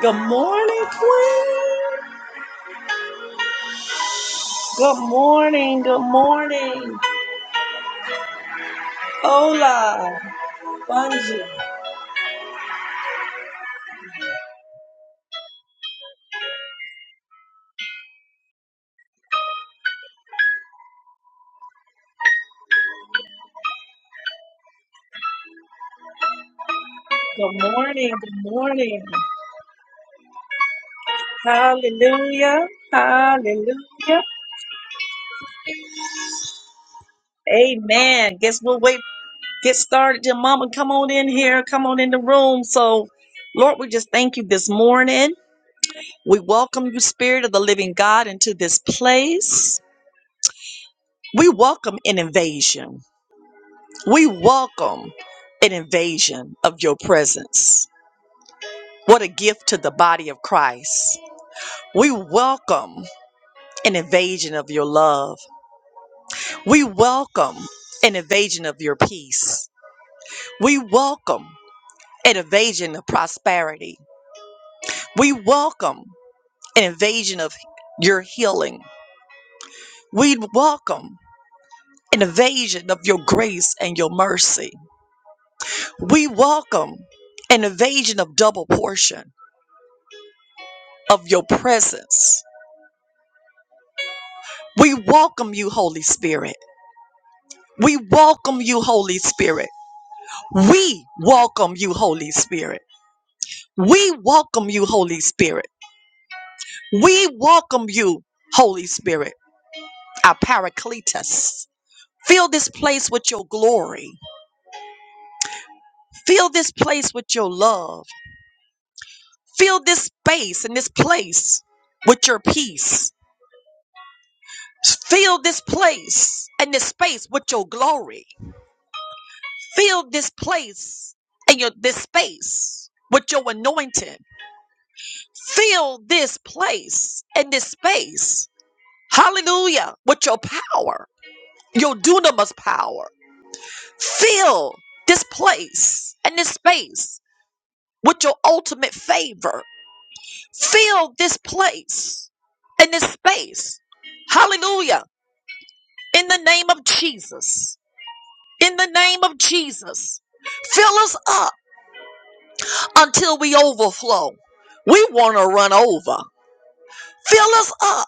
Good morning, Queen. Good morning. Good morning. Hola. Bonjour. Good morning. Good morning. Hallelujah. Hallelujah. Amen. Guess we'll wait. Get started. Then, Mama, come on in here. Come on in the room. So, Lord, we just thank you this morning. We welcome you, Spirit of the Living God, into this place. We welcome an invasion. We welcome an invasion of your presence. What a gift to the body of Christ. We welcome an invasion of your love. We welcome an invasion of your peace. We welcome an invasion of prosperity. We welcome an invasion of your healing. We welcome an invasion of your grace and your mercy. We welcome an invasion of double portion of your presence. We welcome you, Holy Spirit. We welcome you, Holy Spirit. We welcome you, Holy Spirit. We welcome you, Holy Spirit. We welcome you, Holy Spirit, our Paracletus. Fill this place with your glory. Fill this place with your love. Fill this space and this place with your peace. Fill this place and this space with your glory. Fill this place and your this space with your anointing. Fill this place and this space Hallelujah. With your power, your dunamis power. Fill this place and this space with your ultimate favor. Fill this place and this space. Hallelujah. In the name of Jesus. In the name of Jesus. Fill us up until we overflow. We want to run over. Fill us up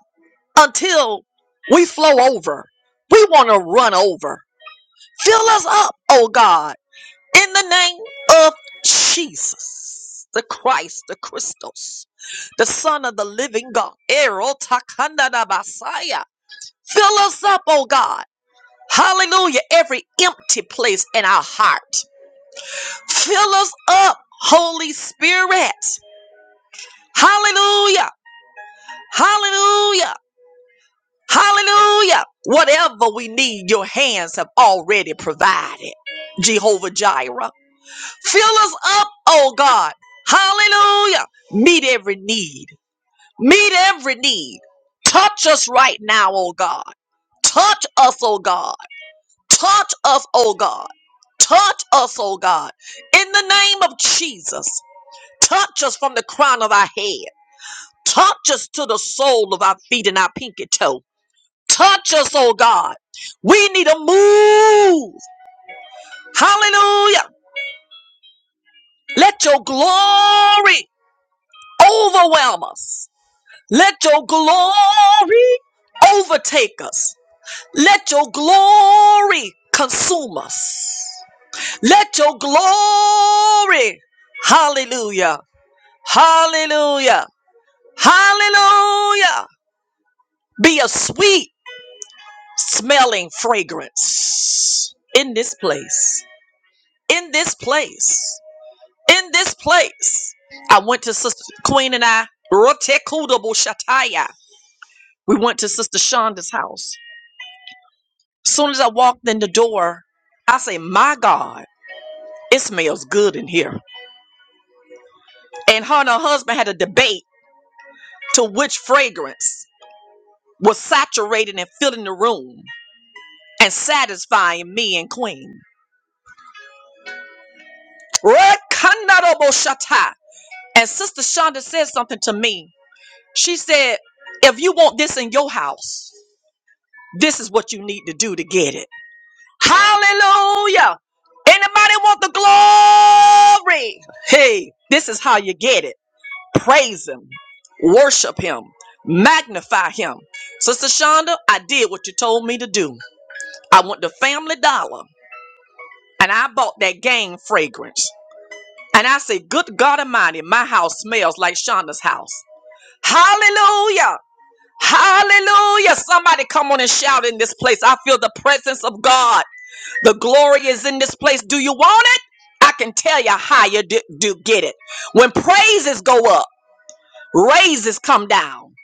until we flow over. We want to run over. Fill us up, oh God in the name of Jesus, the Christ, the Christos, the Son of the Living God. Ero takanda da basaya. Fill us up, oh God. Hallelujah. Every empty place in our heart. Fill us up, Holy Spirit. Hallelujah. Hallelujah. Hallelujah. Whatever we need, your hands have already provided. Jehovah Jireh. Fill us up, oh God. Hallelujah. Meet every need. Meet every need. Touch us right now, oh God. Touch us, oh God. Touch us, oh God. Touch us, oh God. In the name of Jesus, touch us from the crown of our head. Touch us to the sole of our feet and our pinky toe. Touch us, oh God. We need a move. Hallelujah. Let your glory overwhelm us. Let your glory overtake us. Let your glory consume us. Let your glory, hallelujah, hallelujah, hallelujah, be a sweet smelling fragrance in this place, in this place, in this place. I went to Sister Queen and I, Rotekudabushataya. We went to Sister Shonda's house Soon as I walked in the door, I say, "My God, it smells good in here." And her and her husband had a debate to which fragrance was saturating and filling the room and satisfying me and Queen. Rekandaroboshata. And Sister Shonda said something to me. She said, "If you want this in your house, this is what you need to do to get it." Hallelujah. Anybody want the glory? Hey, this is how you get it. Praise Him, worship Him, magnify Him. Sister Shonda, I did what you told me to do. I went to Family Dollar and I bought that game fragrance. And I say, Good God Almighty, my house smells like Shonda's house. Hallelujah! Hallelujah! Somebody come on and shout in this place. I feel the presence of God. The glory is in this place. Do you want it? I can tell you how you do, do get it. When praises go up, Raises come down.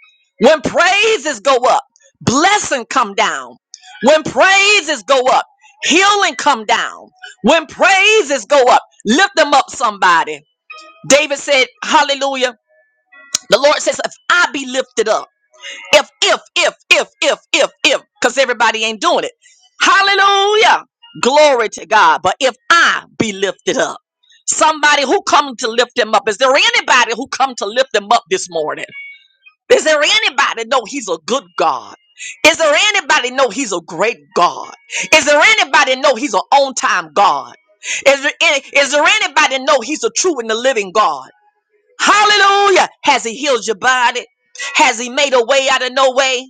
When praises go up, blessing come down. When praises go up, healing come down. When praises go up, lift them up somebody. David said, hallelujah. The Lord says, if I be lifted up, if, if, if, if, if, if, if, because everybody ain't doing it. Hallelujah. Glory to God. But if I be lifted up, somebody who come to lift him up, is there anybody who come to lift him up this morning? Is there anybody know he's a good God? Is there anybody know he's a great God? Is there anybody know he's an on time God? Is there, any, is there anybody know he's a true and the living God? Hallelujah. Has he healed your body? Has he made a way out of no way?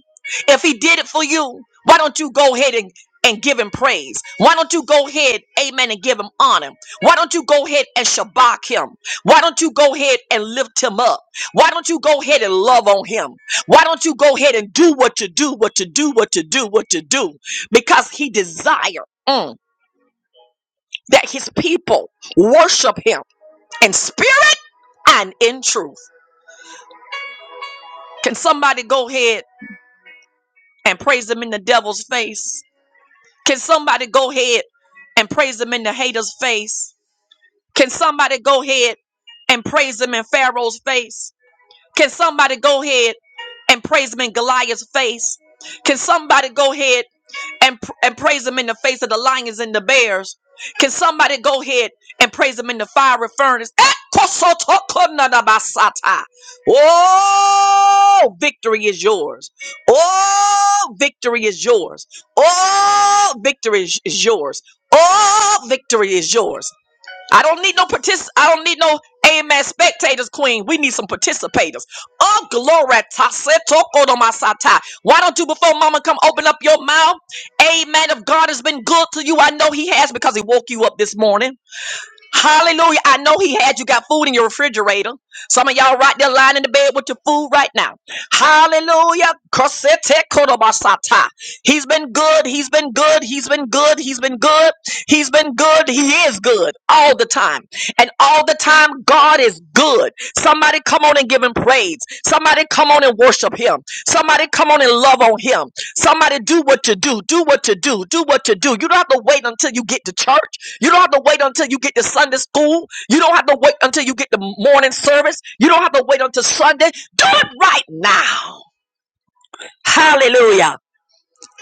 If he did it for you, why don't you go ahead and, and give him praise? Why don't you go ahead, amen, and give him honor? Why don't you go ahead and shabak him? Why don't you go ahead and lift him up? Why don't you go ahead and love on him? Why don't you go ahead and do what to do, what to do, what to do, what to do? Because he desire mm, that his people worship him in spirit and in truth. Can somebody go ahead and praise him in the devil's face? Can somebody go ahead and praise him in the hater's face? Can somebody go ahead and praise him in Pharaoh's face? Can somebody go ahead and praise him in Goliath's face? Can somebody go ahead and, pr- and praise him in the face of the lions and the bears. Can somebody go ahead and praise him in the fiery furnace? Ekosotokonadabasata. Oh, victory is yours. Oh, victory is yours. Oh, victory is is yours. Oh, victory is yours. I don't need no partic- I don't need no amen spectators, queen. We need some participators. Oh, glory. ta- se- toko do masata. Why don't you, before mama come open up your mouth? Amen. If God has been good to you, I know he has because he woke you up this morning. Hallelujah. I know he had you got food in your refrigerator. Some of y'all right there lying in the bed with your food right now. Hallelujah. Kosete kodobasata. He's been good. He's been good. He's been good. He's been good. He's been good. He is good all the time. And all the time, God is good. Somebody come on and give him praise. Somebody come on and worship him. Somebody come on and love on him. Somebody do what you do. Do what you do. Do what you do. You don't have to wait until you get to church. You don't have to wait until you get to Sunday school. You don't have to wait until you get the morning service. You don't have to wait until Sunday. Do it right now. Hallelujah.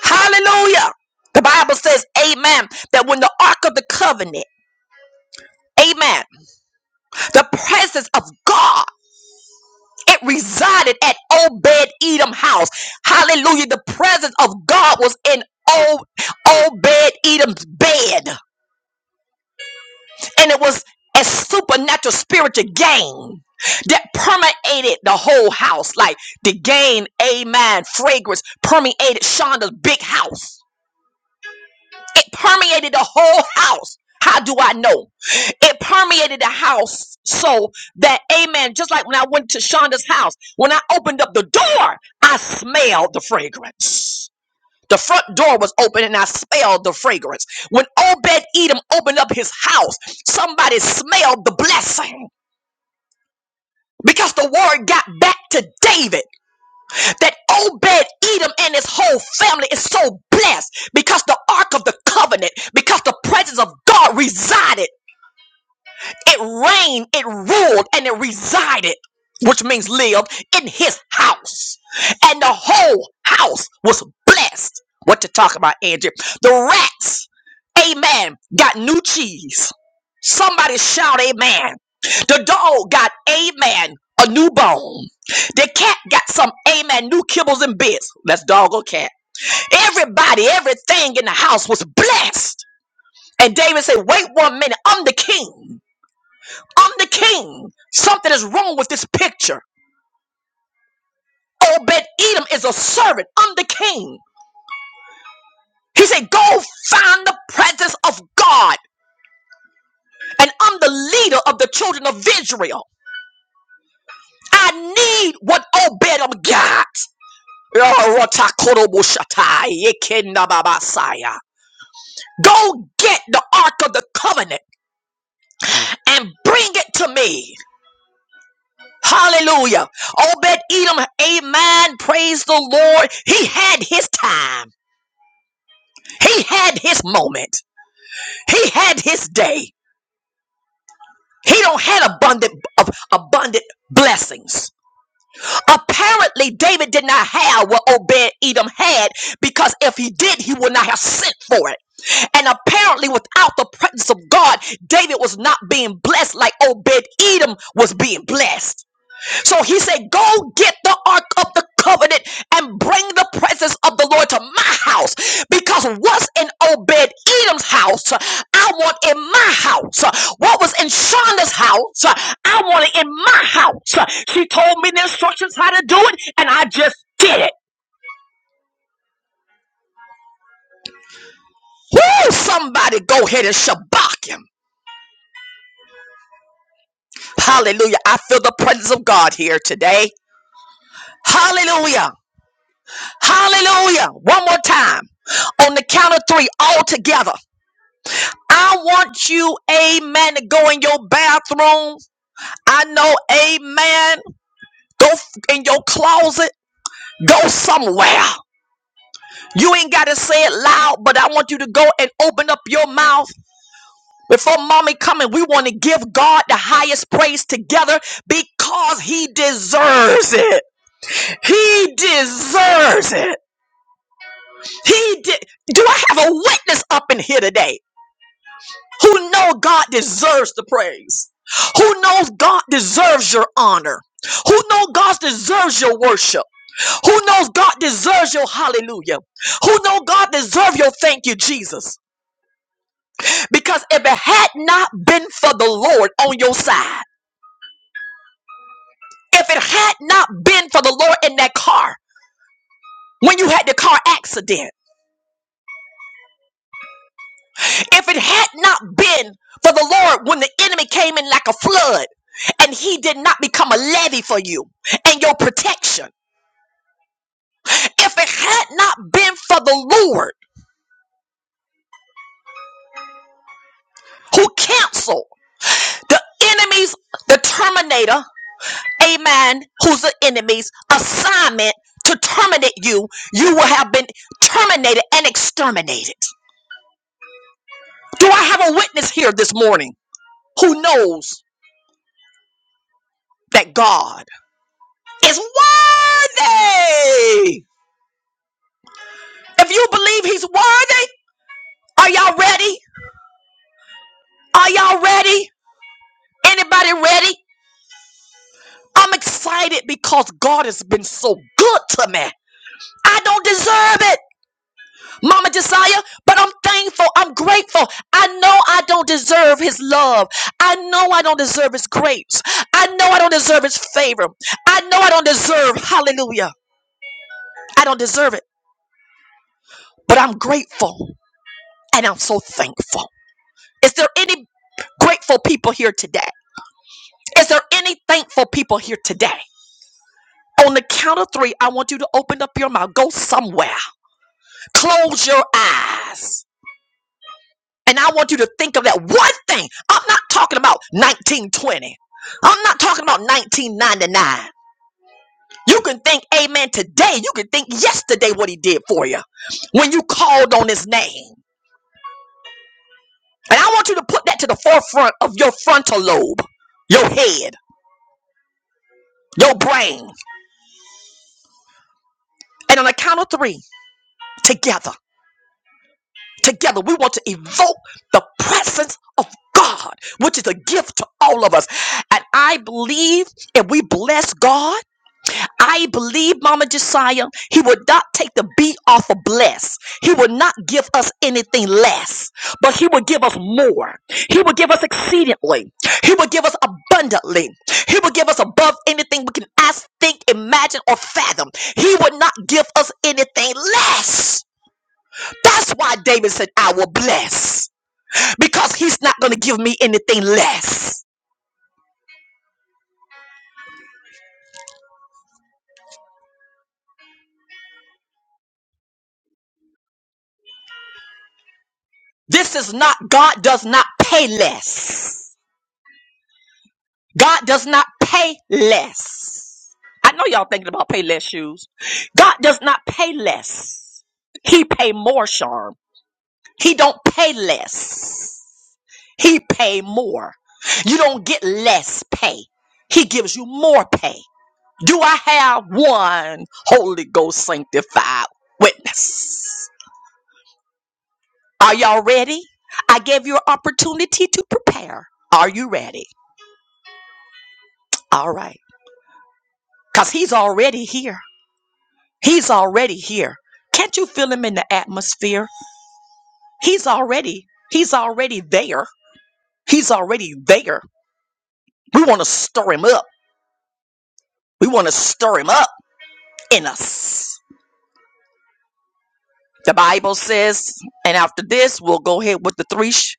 Hallelujah. The Bible says, Amen, that when the Ark of the Covenant, Amen, the presence of God, it resided at Obed Edom house. Hallelujah. The presence of God was in Obed Edom's bed. and it was a supernatural spiritual gain that permeated the whole house. Like the gain, amen, fragrance permeated Shonda's big house. It permeated the whole house. How do I know? It permeated the house so that, amen, just like when I went to Shonda's house, when I opened up the door, I smelled the fragrance. The front door was open and I smelled the fragrance. When Obed Edom opened up his house, somebody smelled the blessing. Because the word got back to David that Obed Edom and his whole family is so blessed because the ark of the covenant, because the presence of God resided. It reigned, it ruled, and it resided, which means lived, in his house. And the whole house was blessed. What to talk about, Andrew? The rats, amen, got new cheese. Somebody shout, amen. The dog got, amen, a new bone. The cat got some, amen, new kibbles and bits. That's dog or cat. Everybody, everything in the house was blessed. And David said, wait one minute, I'm the king. I'm the king. Something is wrong with this picture. Obed Edom is a servant. I'm the king. He said, Go find the presence of God. And I'm the leader of the children of Israel. I need what Obed Edom got. Go get the Ark of the Covenant and bring it to me. Hallelujah. Obed Edom, amen. Praise the Lord. He had his time. He had his moment. He had his day. He don't had abundant of abundant blessings. Apparently, David did not have what Obed Edom had because if he did, he would not have sent for it. And apparently, without the presence of God, David was not being blessed like Obed Edom was being blessed. So he said, Go get the ark of the covenant and bring the presence of the Lord to my house. Because what's in Obed Edom's house, I want in my house. What was in Shonda's house, I want it in my house. She told me the instructions how to do it, and I just did it. Woo! Somebody go ahead and shabak him. Hallelujah. I feel the presence of God here today. Hallelujah. Hallelujah. One more time. On the count of three, all together. I want you, amen, to go in your bathroom. I know, amen. Go f- in your closet. Go somewhere. You ain't got to say it loud, but I want you to go and open up your mouth. Before mommy coming, we want to give God the highest praise together because he deserves it. He deserves it. He did. Do I have a witness up in here today? who know God deserves the praise, who knows God deserves your honor, who know God deserves your worship, who knows God deserves your hallelujah, who know God deserves your thank you, Jesus. Because if it had not been for the Lord on your side, if it had not been for the Lord in that car, when you had the car accident, if it had not been for the Lord when the enemy came in like a flood and he did not become a levy for you and your protection, If it had not been for the Lord who canceled the enemy's, the terminator, amen, who's the enemy's assignment to terminate you, you will have been terminated and exterminated. Do I have a witness here this morning who knows that God is worthy? If you believe he's worthy, are y'all ready? Are y'all ready? Anybody ready? I'm excited because God has been so good to me. I don't deserve it, Mama Josiah, but I'm thankful. I'm grateful. I know I don't deserve his love. I know I don't deserve his grace. I know I don't deserve his favor. I know I don't deserve, hallelujah. I don't deserve it, but I'm grateful and I'm so thankful. Is there any grateful people here today? Is there any thankful people here today? On the count of three, I want you to open up your mouth. Go somewhere. Close your eyes. And I want you to think of that one thing. I'm not talking about 1920. I'm not talking about 1999. You can think, amen, today. You can think yesterday what he did for you when you called on his name. And I want you to put that to the forefront of your frontal lobe, your head, your brain. And on the count of three, together, together, we want to evoke the presence of God, which is a gift to all of us. And I believe if we bless God, I believe, Mama Josiah, he would not take the beat off of bless. He would not give us anything less, but he would give us more. He would give us exceedingly. He would give us abundantly. He would give us above anything we can ask, think, imagine, or fathom. He would not give us anything less. That's why David said, I will bless, because he's not going to give me anything less. This is not, God does not pay less. God does not pay less. I know y'all thinking about pay less shoes. God does not pay less. He pay more, Charm. He don't pay less. He pay more. You don't get less pay. He gives you more pay. Do I have one Holy Ghost sanctified witness? Are y'all ready? I gave you an opportunity to prepare. Are you ready? All right. Because he's already here. He's already here. Can't you feel him in the atmosphere? He's already, he's already there. He's already there. We want to stir him up. We want to stir him up in us. The Bible says, and after this, we'll go ahead with the three sh-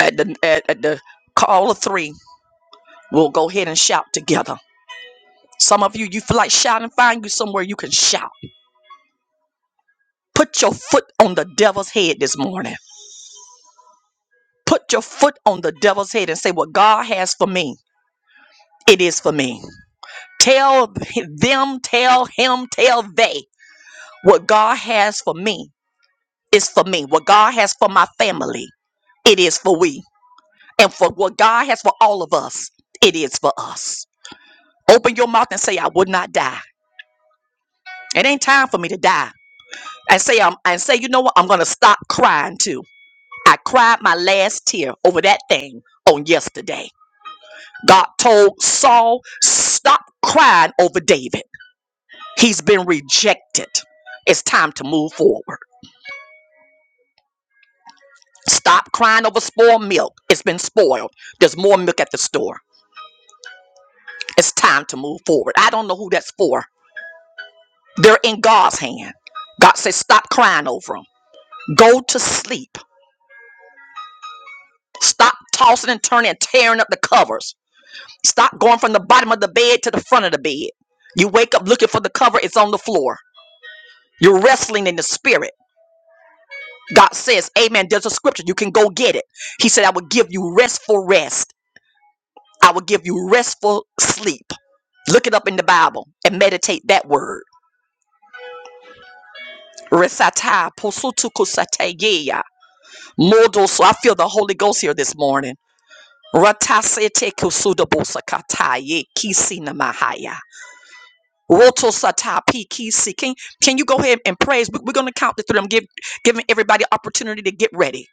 at the at, at the call of three. We'll go ahead and shout together. Some of you, you feel like shouting. Find you somewhere you can shout. Put your foot on the devil's head this morning. Put your foot on the devil's head and say, "What God has for me, it is for me." Tell them, tell him, tell they what God has for me is for me. What God has for my family, it is for we. And for what God has for all of us, it is for us. Open your mouth and say, I would not die. It ain't time for me to die. And say, I'm, and say, you know what? I'm gonna stop crying too. I cried my last tear over that thing on yesterday. God told Saul, stop crying over David. He's been rejected. It's time to move forward. Stop crying over spoiled milk. It's been spoiled. There's more milk at the store. It's time to move forward. I don't know who that's for. They're in God's hand. God says, stop crying over them. Go to sleep. Stop tossing and turning and tearing up the covers. Stop going from the bottom of the bed to the front of the bed. You wake up looking for the cover, it's on the floor. You're wrestling in the spirit. God says, Amen. There's a scripture. You can go get it. He said, I will give you restful rest. I will give you restful sleep. Look it up in the Bible and meditate that word. Resata posutu kusategeya. Modo so I feel the Holy Ghost here this morning. Ratasete kusudabosakataye kisinamahaya. Roto sata kisi. Can, can you go ahead and praise? We- We're going to count the three. I'm give, giving everybody opportunity to get ready.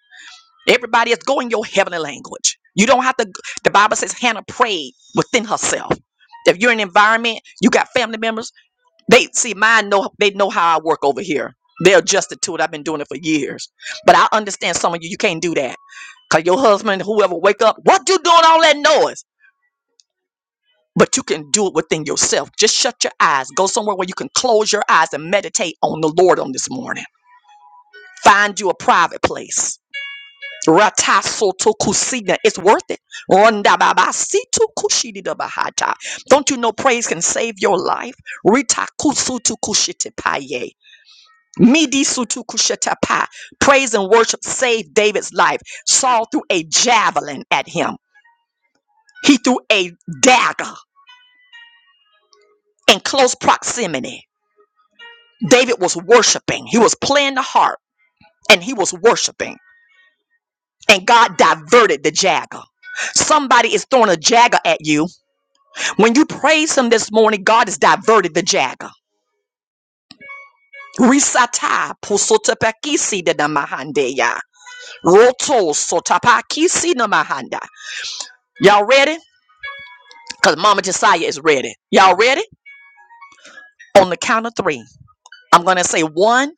Everybody is going your heavenly language. You don't have to. g- The Bible says Hannah prayed within herself. If you're in an environment, you got family members, They see mine know they know how I work over here. They're adjusted to it. I've been doing it for years. But I understand some of you, you can't do that. Cause your husband, whoever wake up, what you doing all that noise? But you can do it within yourself. Just shut your eyes. Go somewhere where you can close your eyes and meditate on the Lord on this morning. Find you a private place. Rata soto kusina. It's worth it. Ronda baba situ kushidi da bahata. Don't you know praise can save your life? Rita kusutu kushiti Midi sutukushatapa. Praise and worship saved David's life. Saul threw a javelin at him. He threw a dagger in close proximity. David was worshiping. He was playing the harp and he was worshiping. And God diverted the dagger. Somebody is throwing a dagger at you. When you praise him this morning, God has diverted the dagger. Risata pusotapakisi de namahandeya. Roto sotapakisi namahanda. Y'all ready? because Mama Josiah is ready. Y'all ready? On the count of three, I'm going to say one,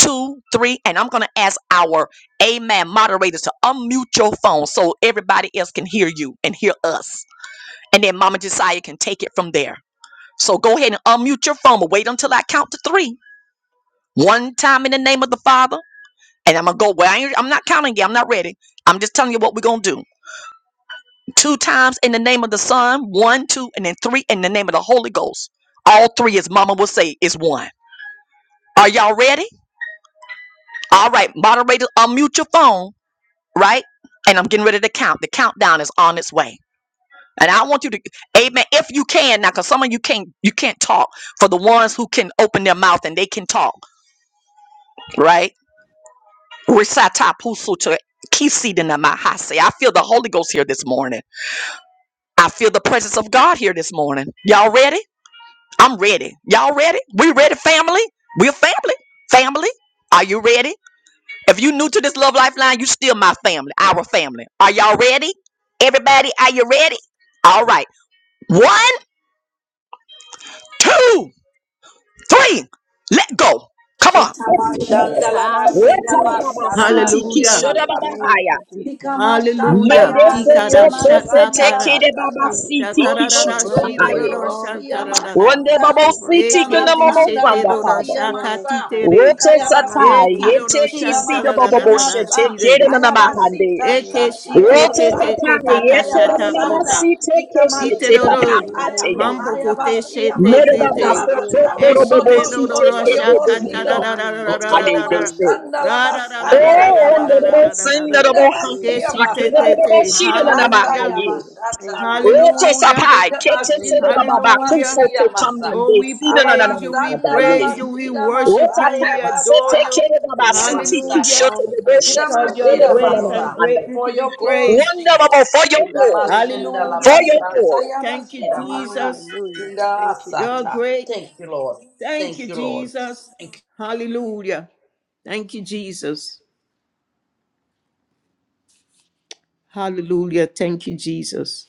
two, three, and I'm going to ask our Amen moderators to unmute your phone so everybody else can hear you and hear us. And then Mama Josiah can take it from there. So go ahead and unmute your phone, but wait until I count to three. One time in the name of the Father, and I'm going to go. Well, I ain't, I'm not counting yet. I'm not ready. I'm just telling you what we're going to do. Two times in the name of the Son, one, two, and then three in the name of the Holy Ghost. All three, as Mama will say, is one. Are y'all ready? All right, moderator, unmute your phone, right? And I'm getting ready to count. The countdown is on its way. And I want you to, amen, if you can now, because some of you can't you can't talk. For the ones who can open their mouth and they can talk, right? Risatapusuta kisidinamahase. I feel the Holy Ghost here this morning. I feel the presence of God here this morning. Y'all ready? I'm ready. Y'all ready? We ready, family? We're family. Family. Are you ready? If you new to this Love Lifeline, you still my family, our family. Are y'all ready? Everybody, are you ready? All right. One, two, three. Let go. Come on. Shitama shandala basiya Hallelujah. Wetarababa masara siti bashira Hallelujah. Hallelujah. masata. Thank kishorababahaya. you, Jesus. Sikama shata ya Hallelujah. basiya Tikara Hallelujah. shata Medesetetesete masandala kara. kidebaba basata. Hallelujah. siti Roto You're Takarara shira worthy shoto of kishutupahaye. roro all the yobosiya praise, shantarara. God. masanda. Rondebabo We worship siti and Ikama Eke ti adore kunamomo you. shandala shete sanda roro aba. basiya Yes, shakati masa. God. tere. Roto Akaya satai basanta. Eki Hallelujah. roro yete Shira kisida masiya bababo shantarara shete masa. kede shirere. Hallelujah. nanamahande. Ayabasita Eke Thank shata you, ya shike Lord. te te basa. Rotosatana kota ta Akaya Thank shata you, God. basanda. kota. yeteronomasite We Ite keshete Ikamashira magnify dodo, your Masaya, holy papapateya. mambo name, kote God. Ayabasia shete and Masandala kete. you give Basha, Merobabasoto all the Loto Eshite praise. dodo koroboboshite We Shoto rasha worship you. kata We Yobosido, da da kebebebasata. honor da you. da da We da Atade da Lokaloma adore da. you, dese. Lord. Shandala Ra da We da da Basata love da Oh, you, da da da Yabasha, da Lord. ndororo da We da da thank da. sindorobo Shira you for being Masia hasata God. Keshite Masaya, tete. kebebebebashida Sata Hallelujah. nanamahaye. Hallelujah. Yabashata Thank you, God. Laisa, Hallelujah. Rotosapai Hallelujah. ketesere Ikamashinda Mama bababa Hallelujah. Masia kusoto Masa, Oh, kamande we sida Ababa praise you. We Sandala nananamahadaye. praise you. Thank We you, Bashida God. worship you. Masaya We Rotata adore sete Basa. you. You're kerebabasiti worthy of Kamasata. Hallelujah. all kishoto the praise, Because bebeshata all the you're Sidamashida glory, great all masa. the and honor. kebebebebashanda. greatly For to be your glory, praised. Jesus. Wonderful for your We lift glory. your name Sidamashenda on for high, Hallelujah. your God. labasata glory. Thank you, yabashida masa. Jesus. Hallelujah. Thank you, You're Indasata. Jesus. great. Thank you, Lord. Thank Thank you, you, Lord. Jesus. Hallelujah. Thank you, Jesus. Hallelujah. Thank you, Jesus.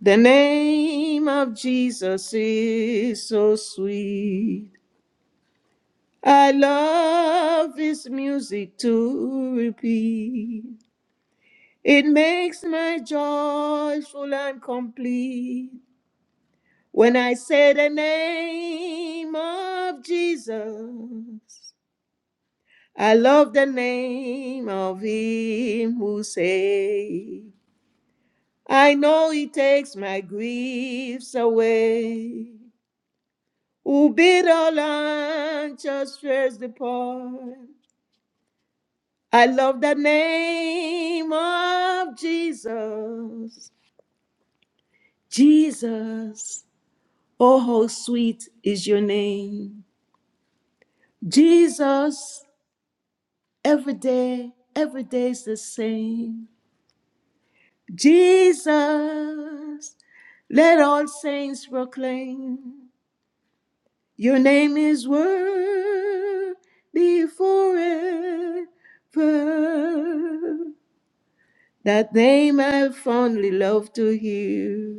The name of Jesus is so sweet. I love his music to repeat. It makes my joy full and complete when I say the name of Jesus. I love the name of him who saved. I know he takes my griefs away. Who bid all anxious fears depart. I love the name of Jesus. Jesus, oh how sweet is your name. Jesus, every day, every day is the same. Jesus. Let all saints proclaim your name is worthy forever. That name I fondly love to hear.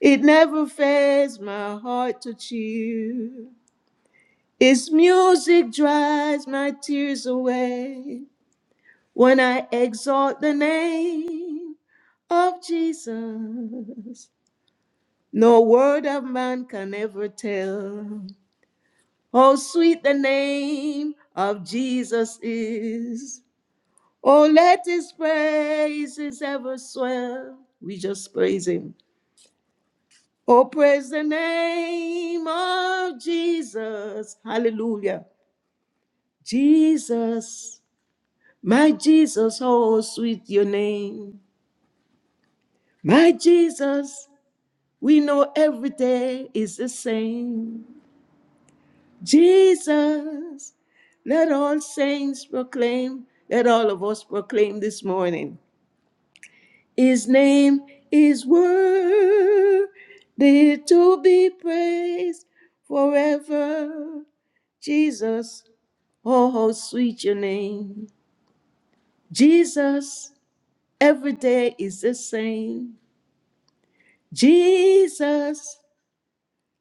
It never fails my heart to cheer. Its music dries my tears away when I exalt the name of Jesus. No word of man can ever tell Oh, sweet the name of Jesus is. Oh, let his praises ever swell. We just praise him. Oh, praise the name of Jesus. Hallelujah. Jesus, my Jesus, oh, sweet your name. My Jesus, we know every day is the same. Jesus, let all saints proclaim, let all of us proclaim this morning. His name is worthy to be praised forever. Jesus, oh, how sweet your name. Jesus, every day is the same. Jesus,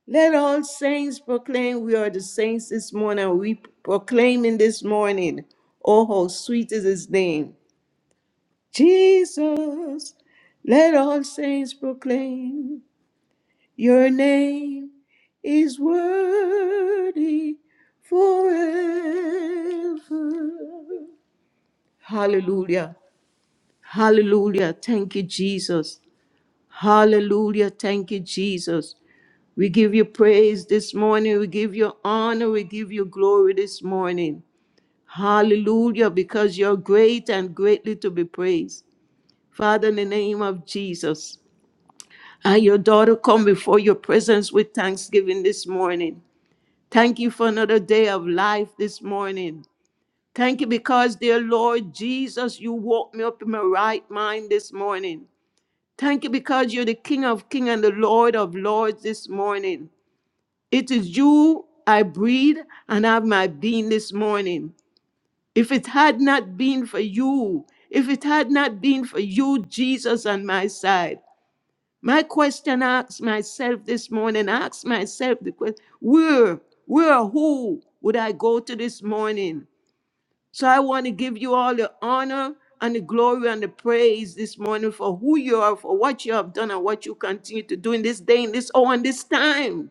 Let all saints proclaim, we are the saints this morning. We proclaiming this morning, oh, how sweet is his name. Jesus, let all saints proclaim, your name is worthy forever. Hallelujah. Hallelujah. Thank you, Jesus. Hallelujah. Thank you, Jesus. We give you praise this morning. We give you honor. We give you glory this morning. Hallelujah, because you're great and greatly to be praised. Father, in the name of Jesus, I, your daughter, come before your presence with thanksgiving this morning. Thank you for another day of life this morning. Thank you because, dear Lord Jesus, you woke me up in my right mind this morning. Thank you because you're the King of Kings and the Lord of Lords this morning. It is you I breathe and have my being this morning. If it had not been for you, if it had not been for you, Jesus, on my side, my question asks myself this morning, ask myself the question, where, where, or who would I go to this morning? So I want to give you all the honor and the glory and the praise this morning for who you are, for what you have done and what you continue to do in this day, in this hour, and this time.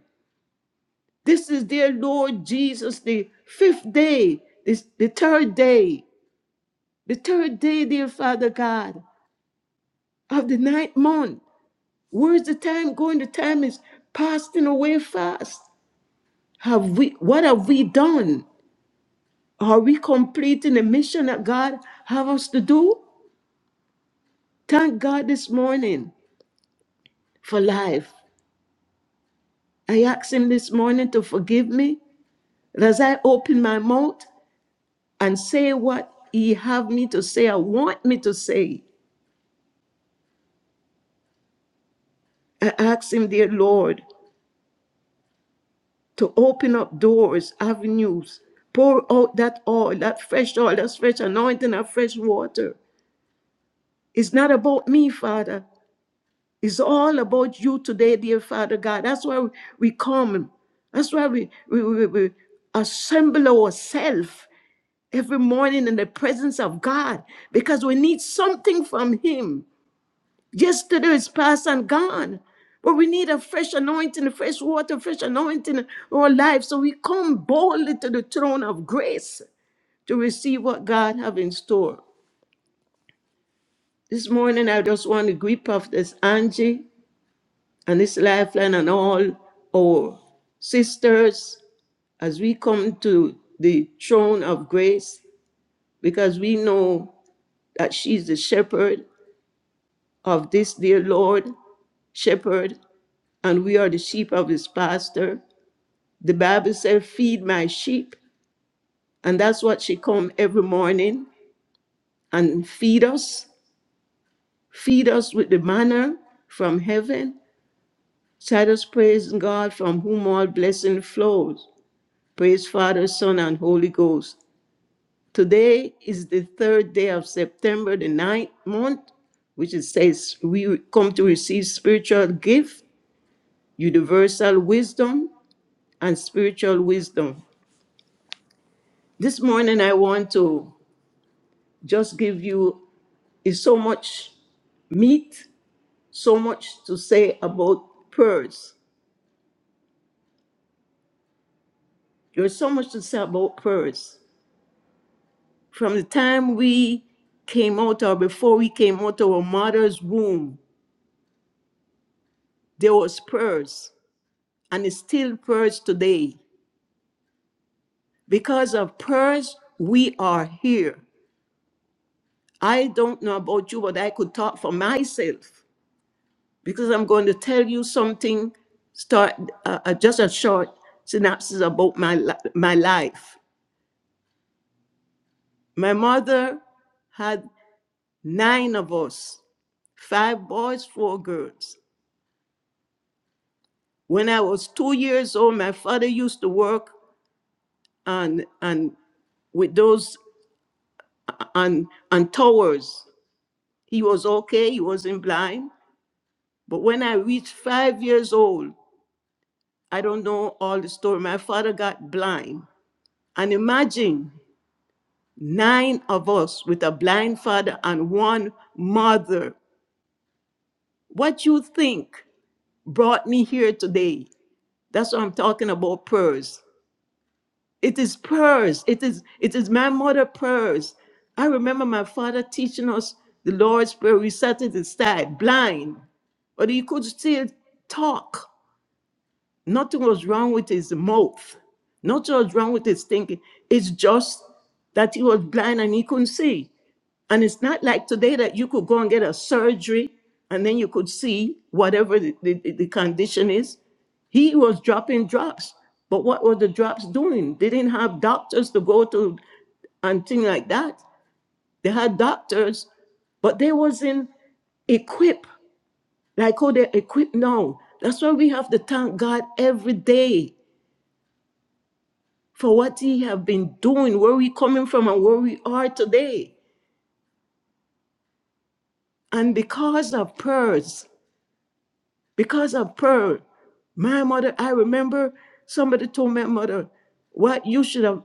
This is their Lord Jesus, the fifth day, this, the third day, the third day, dear Father God, of the ninth month. Where's the time going? The time is passing away fast. Have we what have we done? Are we completing the mission that God have us to do? Thank God this morning for life. I ask him this morning to forgive me as I open my mouth and say what he have me to say, I want me to say. I ask him, dear Lord, to open up doors, avenues, pour out that oil, that fresh oil, that fresh anointing, that fresh water. It's not about me, Father. It's all about you today, dear Father God. That's why we come. That's why we, we, we, we assemble ourselves every morning in the presence of God because we need something from Him. Yesterday is past and gone. But we need a fresh anointing, a fresh water, fresh anointing in our life. So we come boldly to the throne of grace to receive what God have in store. This morning, I just want to grip of this Angie and this lifeline and all our sisters as we come to the throne of grace because we know that she's the shepherd of this dear Lord, shepherd, and we are the sheep of his pastor. The Bible said, feed my sheep. And that's what she come every morning and feed us, feed us with the manna from heaven. Let us praise God from whom all blessing flows. Praise Father, Son, and Holy Ghost. Today is the third day of September, the ninth month, which it says we come to receive spiritual gift, universal wisdom, and spiritual wisdom. This morning I want to just give you Is so much meat, so much to say about pearls. There's so much to say about pearls. From the time we came out or before we came out of our mother's womb, there was pearls, and it's still pearls today. Because of pearls, we are here. I don't know about you, but I could talk for myself because I'm going to tell you something, start uh, uh, just a short synopsis about my, li- my life. My mother had nine of us five boys, four girls. When I was two years old, my father used to work on, on with those on, on towers. He was okay, he wasn't blind. But when I reached five years old, I don't know all the story. My father got blind. And imagine nine of us with a blind father and one mother. What you think brought me here today? That's what I'm talking about, prayers. It is prayers. It is it is my mother prayers. I remember my father teaching us the Lord's Prayer. We sat at his side, blind, but he could still talk. Nothing was wrong with his mouth. Nothing was wrong with his thinking. It's just that he was blind and he couldn't see. And it's not like today that you could go and get a surgery and then you could see whatever the, the, the condition is. He was dropping drops. But what were the drops doing? They didn't have doctors to go to and things like that. They had doctors, but they wasn't equipped like how they're equipped now. That's why we have to thank God every day for what He have been doing, where we coming from and where we are today. And because of prayers. because of prayer. My mother, I remember somebody told my mother, What you should have,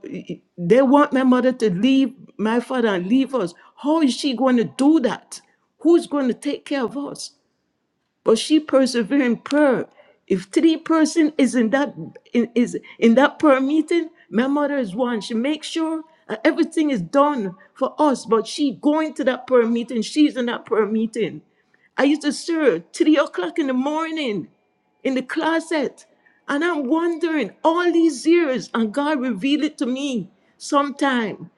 they want my mother to leave my father and leave us. How is she going to do that? Who's going to take care of us? but she persevered in prayer. If three person is in that in, is in that prayer meeting, my mother is one. She makes sure uh, everything is done for us, but she going to that prayer meeting. She's in that prayer meeting. I used to serve three o'clock in the morning in the closet. And I'm wondering all these years, and God revealed it to me sometime.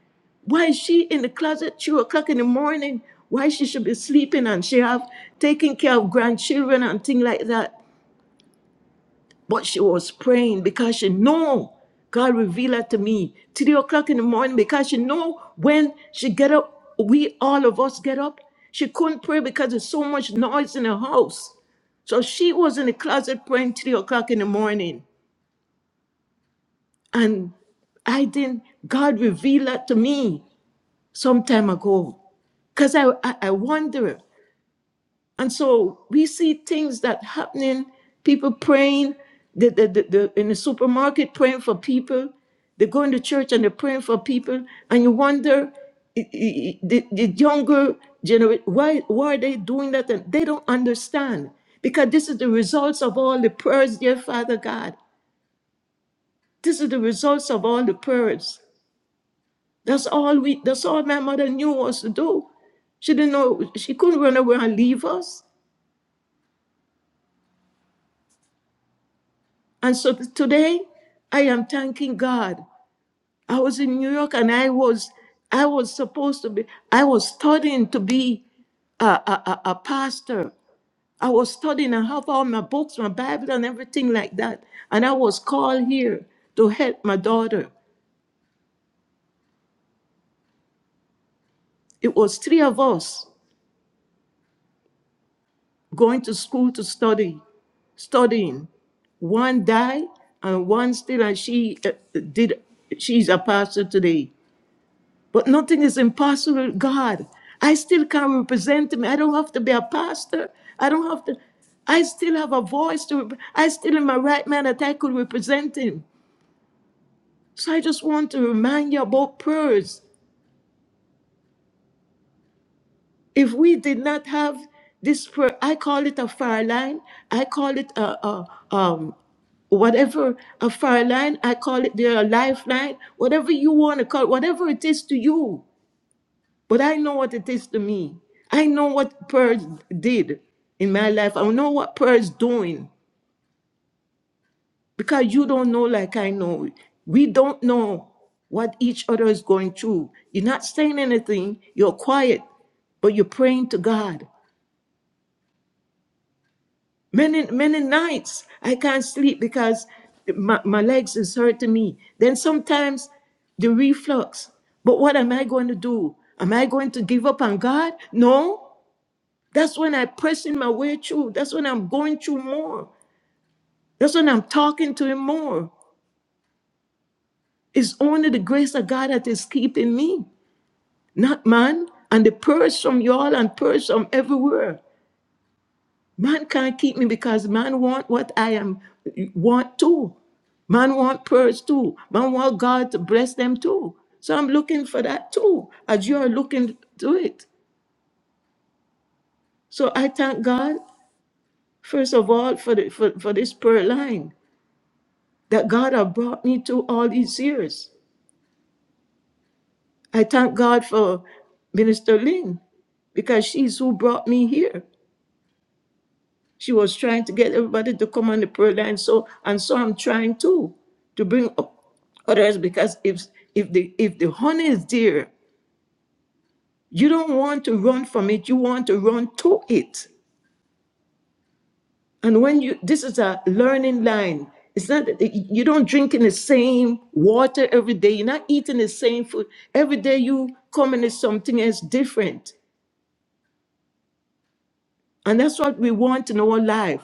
Why is she in the closet two o'clock in the morning? Why she should be sleeping and she have taking care of grandchildren and things like that. But she was praying because she know God revealed her to me three o'clock in the morning because she know when she get up, we all of us get up. She couldn't pray because there's so much noise in the house. So she was in the closet praying three o'clock in the morning. And I didn't, God revealed that to me. some time ago because I, I I wonder. And so we see things that happening, people praying, the, the, the, the, in the supermarket praying for people, they go into church and they're praying for people, and you wonder, i- i- i- the, the younger generation, why, why are they doing that? And they don't understand because this is the results of all the prayers, dear Father God. This is the results of all the prayers. That's all we that's all my mother knew was to do. She didn't know she couldn't run away and leave us. And so t- today I am thanking God. I was in New York and I was I was supposed to be I was studying to be a, a, a a pastor. I was studying and have all my books, my Bible and everything like that. And I was called here to help my daughter. It was three of us. going to school to study, studying. One died and one still, and she uh, did, she's a pastor today. But nothing is impossible with God. I still can represent him. I don't have to be a pastor. I don't have to, I still have a voice to, rep- I still in my right mind that I could represent him. So I just want to remind you about prayers. If we did not have this prayer, I call it a fire line. I call it a, a um, whatever a fire line. I call it the lifeline. Whatever you want to call, whatever it is to you. But I know what it is to me. I know what prayer did in my life. I know what prayer is doing because you don't know like I know. We don't know what each other is going through. You're not saying anything. You're quiet, but you're praying to God. Many, many nights I can't sleep because my, my legs is hurting me. Then sometimes the reflux. But what am I going to do? Am I going to give up on God? No. That's when i pressing my way through. That's when I'm going through more. That's when I'm talking to Him more. It's only the grace of God that is keeping me, not man. And the prayers from y'all and prayers from everywhere. Man can't keep me because man want what I am want too. Man want prayers too. Man want God to bless them too. So I'm looking for that too, as you are looking to it. So I thank God first of all for the, for, for this prayer line that God have brought me to all these years. I thank God for Minister Ling because she's who brought me here. She was trying to get everybody to come on the prayer line. So and so I'm trying too to bring up others because if if the if the honey is there, you don't want to run from it. You want to run to it. And when you this is a learning line. It's not that you don't drink in the same water every day. You're not eating the same food every day. You come in is something else different. And that's what we want in our life.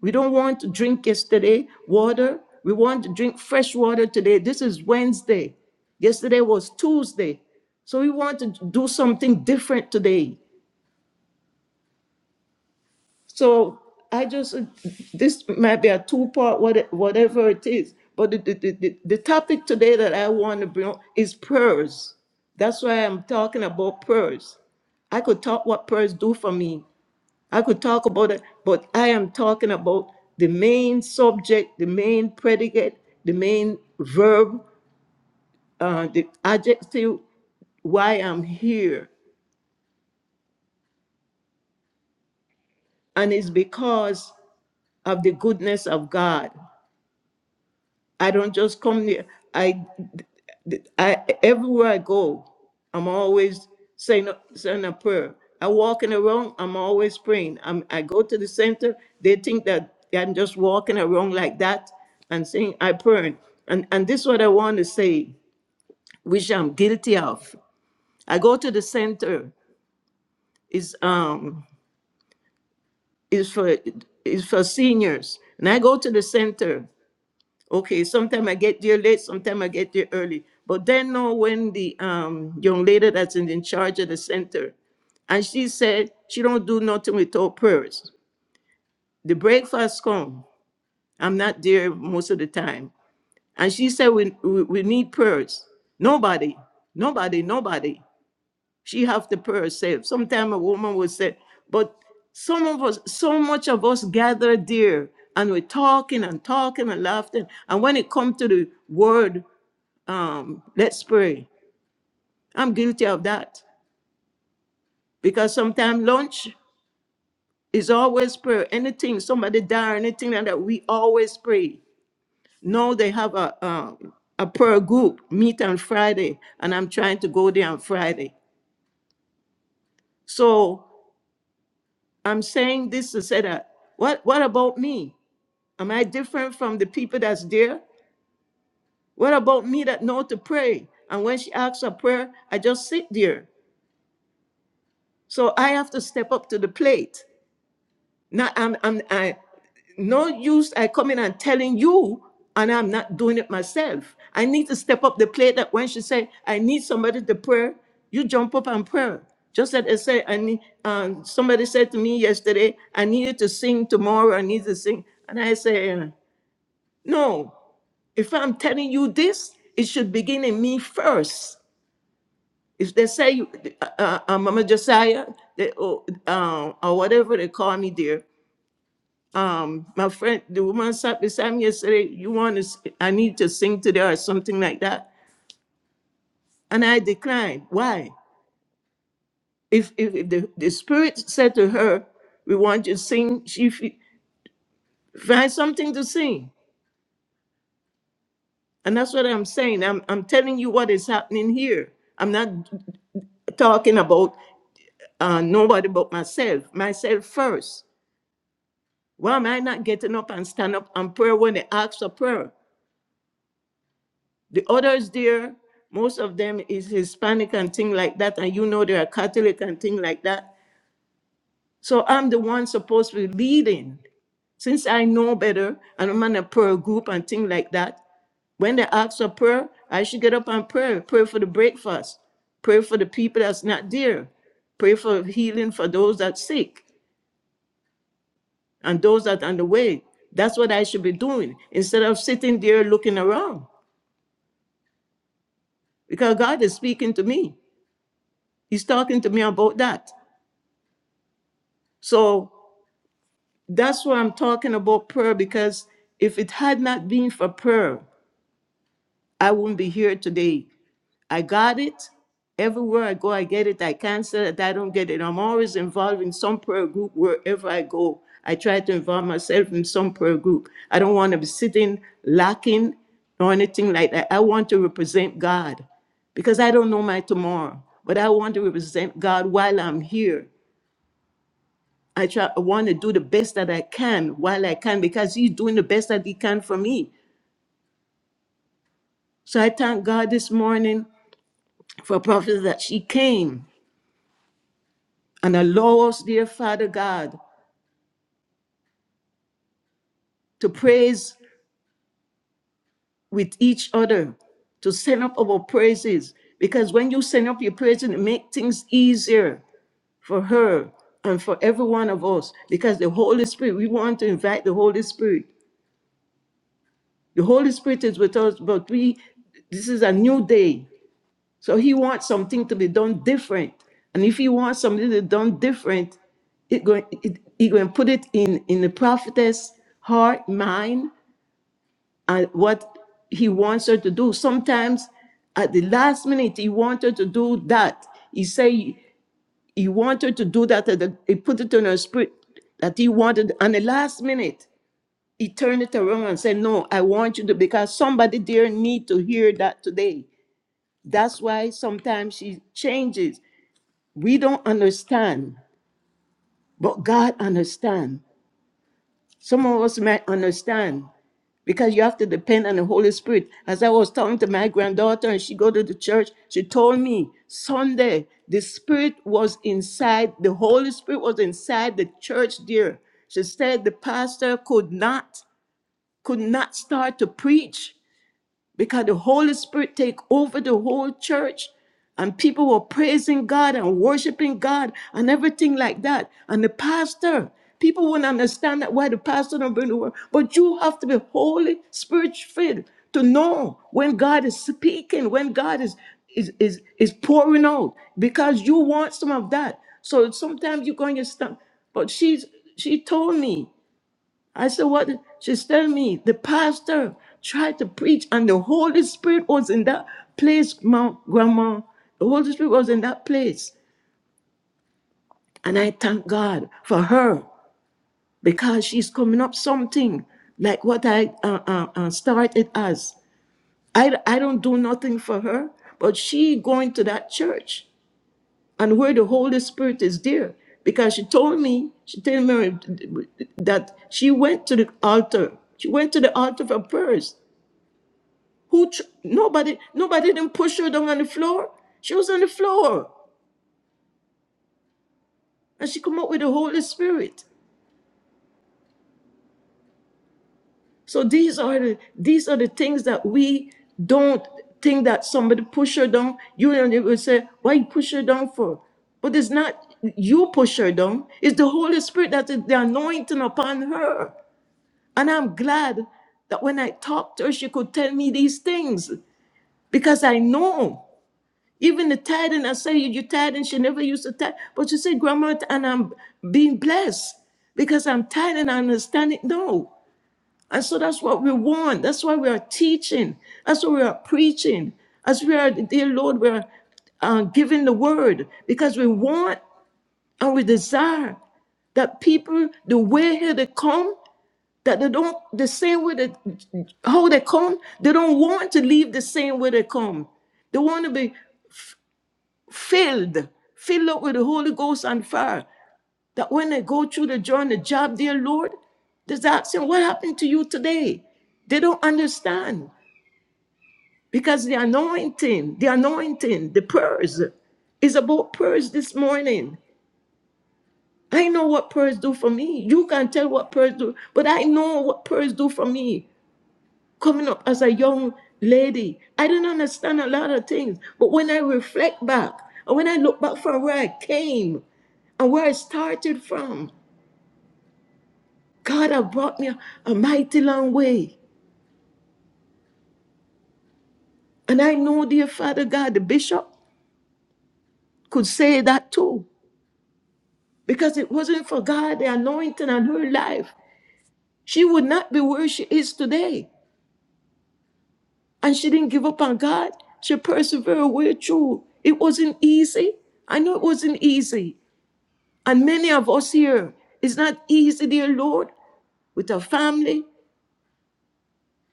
We don't want to drink yesterday water. We want to drink fresh water today. This is Wednesday. Yesterday was Tuesday. So we want to do something different today. So I just, this might be a two part, whatever it is. But the, the, the, the the topic today that I want to bring up is prayers. That's why I'm talking about prayers. I could talk what prayers do for me, I could talk about it, but I am talking about the main subject, the main predicate, the main verb, uh, the adjective, why I'm here. And it's because of the goodness of God. I don't just come near. I, I everywhere I go, I'm always saying a- saying a prayer. I walk in the wrong, I'm always praying. I'm, I go to the center. They think that I'm just walking around like that and saying I pray. And and this is what I want to say, which I'm guilty of. I go to the center. Is um is for is for seniors, and I go to the center Okay, sometime I get there late, sometime I get there early. But then know when the um young lady that's in, in charge of the center, and she said she don't do nothing without prayers. The breakfast come. I'm not there most of the time. And she said we, we, we need prayers. Nobody, nobody, nobody. She have to pray herself. Sometime a woman will say, but some of us, so much of us gather there and we're talking and talking and laughing. And when it comes to the word, um, let's pray. I'm guilty of that because sometimes lunch is always prayer. Anything somebody die, or anything like that, we always pray. No, they have a um, a prayer group meet on Friday, and I'm trying to go there on Friday. So I'm saying this to say that what what about me? Am I different from the people that's there? What about me that know to pray? And when she asks for prayer, I just sit there. So I have to step up to the plate. Not I'm I'm I no use I coming and telling you and I'm not doing it myself. I need to step up the plate that when she say, I need somebody to pray, you jump up and pray. Just like I say, I need um, somebody said to me yesterday, I need you to sing tomorrow, I need to sing. And I say, uh, No, if I'm telling you this, it should begin in me first. If they say, uh, uh, uh, Mama Josiah, they, oh, uh, or whatever they call me there, um, my friend, the woman sat beside me yesterday, you want to, s- I need to sing today or something like that. And I declined. Why? If, if, if the, the spirit said to her, we want you to sing, she f- find something to sing. And that's what I'm saying. I'm, I'm telling you what is happening here. I'm not talking about uh, nobody but myself, myself first. Why am I not getting up and stand up and pray when they ask for prayer? The others there, most of them is Hispanic and thing like that, and you know they are Catholic and thing like that. So I'm the one supposed to be leading. Since I know better and I'm in a prayer group and thing like that, when they ask for prayer, I should get up and pray. Pray for the breakfast. Pray for the people that's not there. Pray for healing for those that sick and those that on the way. That's what I should be doing instead of sitting there looking around. Because God is speaking to me. He's talking to me about that. So that's what I'm talking about prayer because if it had not been for prayer, I wouldn't be here today. I got it. Everywhere I go, I get it. I can't say that I don't get it. I'm always involved in some prayer group wherever I go. I try to involve myself in some prayer group. I don't want to be sitting lacking or anything like that. I want to represent God because I don't know my tomorrow, but I want to represent God while I'm here. I try I want to do the best that I can while I can because he's doing the best that he can for me. So I thank God this morning for prophet that she came and allow us, dear Father God, to praise with each other, to send up our praises. Because when you send up your praises, it makes things easier for her and for every one of us. Because the Holy Spirit, we want to invite the Holy Spirit. The Holy Spirit is with us, but we this is a new day So he wants something to be done different. And if he wants something to be done different, it going it, he going to put it in in the prophetess heart, mind, and what he wants her to do. Sometimes at the last minute, he wants her to do that. He say he wanted her to do that. At the, he put it in her spirit that he wanted. And the last minute, he turned it around and said, "No, I want you to because somebody there need to hear that today." That's why sometimes she changes. We don't understand, but God understands. Some of us might understand because you have to depend on the Holy Spirit. As I was talking to my granddaughter and she go to the church, she told me Sunday the Spirit was inside, the Holy Spirit was inside the church there. She said the pastor could not could not start to preach because the Holy Spirit take over the whole church and people were praising God and worshiping God and everything like that. And the pastor, people wouldn't understand that why the pastor don't bring the word. But you have to be Holy Spirit filled to know when God is speaking, when God is is is, is pouring out, because you want some of that. So sometimes you're going to stop. But she's she told me I said, What? she's telling me the pastor tried to preach, and the Holy Spirit was in that place, ma- Grandma. The Holy Spirit was in that place. And I thank God for her because she's coming up something like what I uh, uh, uh, started as. I, I don't do nothing for her, but she going to that church and where the Holy Spirit is there. Because she told me, she told me that she went to the altar. She went to the altar for prayers. Who tr- nobody nobody didn't push her down on the floor. She was on the floor, and she come up with the Holy Spirit. So these are the these are the things that we don't think that somebody push her down. You and they will say, "Why you push her down for?" But it's not you push her down. It's the Holy Spirit that is the anointing upon her. And I'm glad that when I talked to her, she could tell me these things because I know. Even the tithing, I say you, you tithing, she never used to tithe. But you say, Grandma, and I'm being blessed because I'm tithing, I understand it. No. And so that's what we want. That's why we are teaching. That's what we are preaching. As we are, dear Lord, we're uh, giving the word because we want and we desire that people, the way here they come, that they don't, the same way that how they come, they don't want to leave the same way they come. They want to be filled, filled up with the Holy Ghost and fire. That when they go through the journey, job, dear Lord, they ask him, What happened to you today? They don't understand because the anointing, the anointing, the prayers is about prayers this morning. I know what prayers do for me. You can tell what prayers do, but I know what prayers do for me. coming up as a young lady. I didn't understand a lot of things. But when I reflect back and when I look back from where I came and where I started from, God have brought me a, a mighty long way. And I know, dear Father God, the bishop could say that too. Because it wasn't for God, the anointing on her life, she would not be where she is today. And she didn't give up on God. She persevered way through. It wasn't easy. I know it wasn't easy. And many of us here, it's not easy, dear Lord, with our family,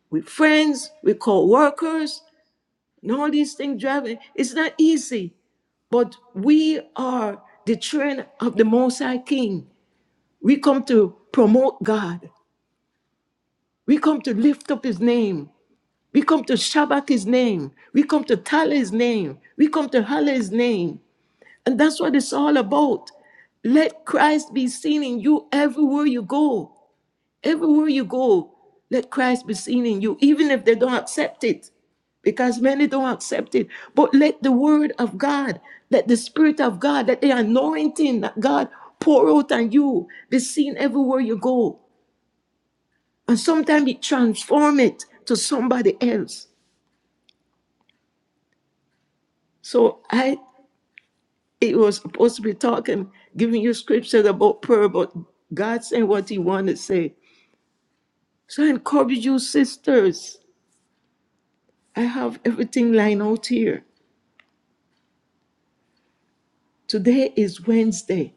with friends, with co workers, and all these things driving. It's not easy, but we are the children of the Most High King. We come to promote God, we come to lift up His name. We come to Shabbat his name. We come to tell his name. We come to holler his name. And that's what it's all about. Let Christ be seen in you everywhere you go. Everywhere you go, let Christ be seen in you, even if they don't accept it, because many don't accept it. But let the word of God, let the spirit of God, let the anointing that God pour out on you be seen everywhere you go. And sometimes it transform it to somebody else. So I it was supposed to be talking, giving you scriptures about prayer, but God said what he wanted to say. So I encourage you, sisters. I have everything lined out here. Today is Wednesday.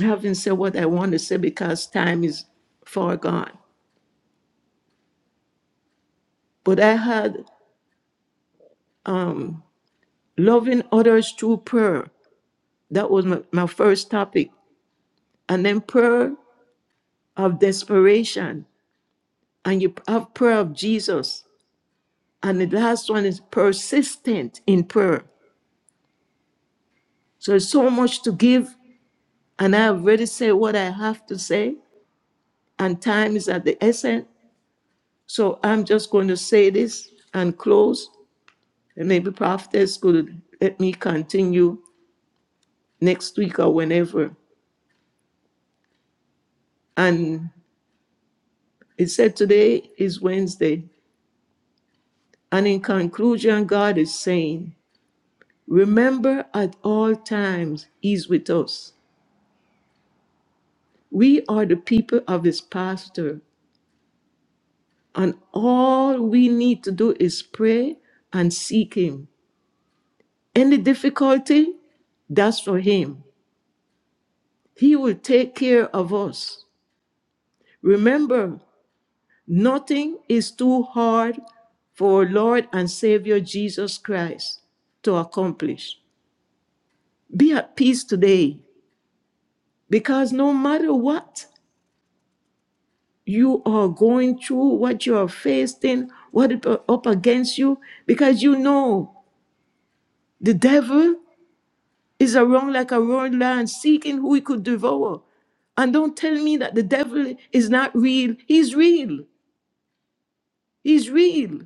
I haven't said what I want to say because time is far gone. But I had um, loving others through prayer. That was my, my first topic. And then prayer of desperation. And you have prayer of Jesus. And the last one is persistent in prayer. So there's so much to give. And I already said what I have to say. And time is at the essence. So I'm just going to say this and close. And maybe prophetess could let me continue next week or whenever. And it said today is Wednesday. And in conclusion, God is saying, Remember at all times, He's with us. We are the people of His pasture, and all we need to do is pray and seek Him. Any difficulty, that's for Him. He will take care of us. Remember Nothing is too hard for Lord and Savior Jesus Christ to accomplish. Be at peace today because no matter what you are going through, what you are facing, what is up against you, because you know the devil is around like a roaring lion seeking who he could devour. And don't tell me that the devil is not real. He's real. He's real.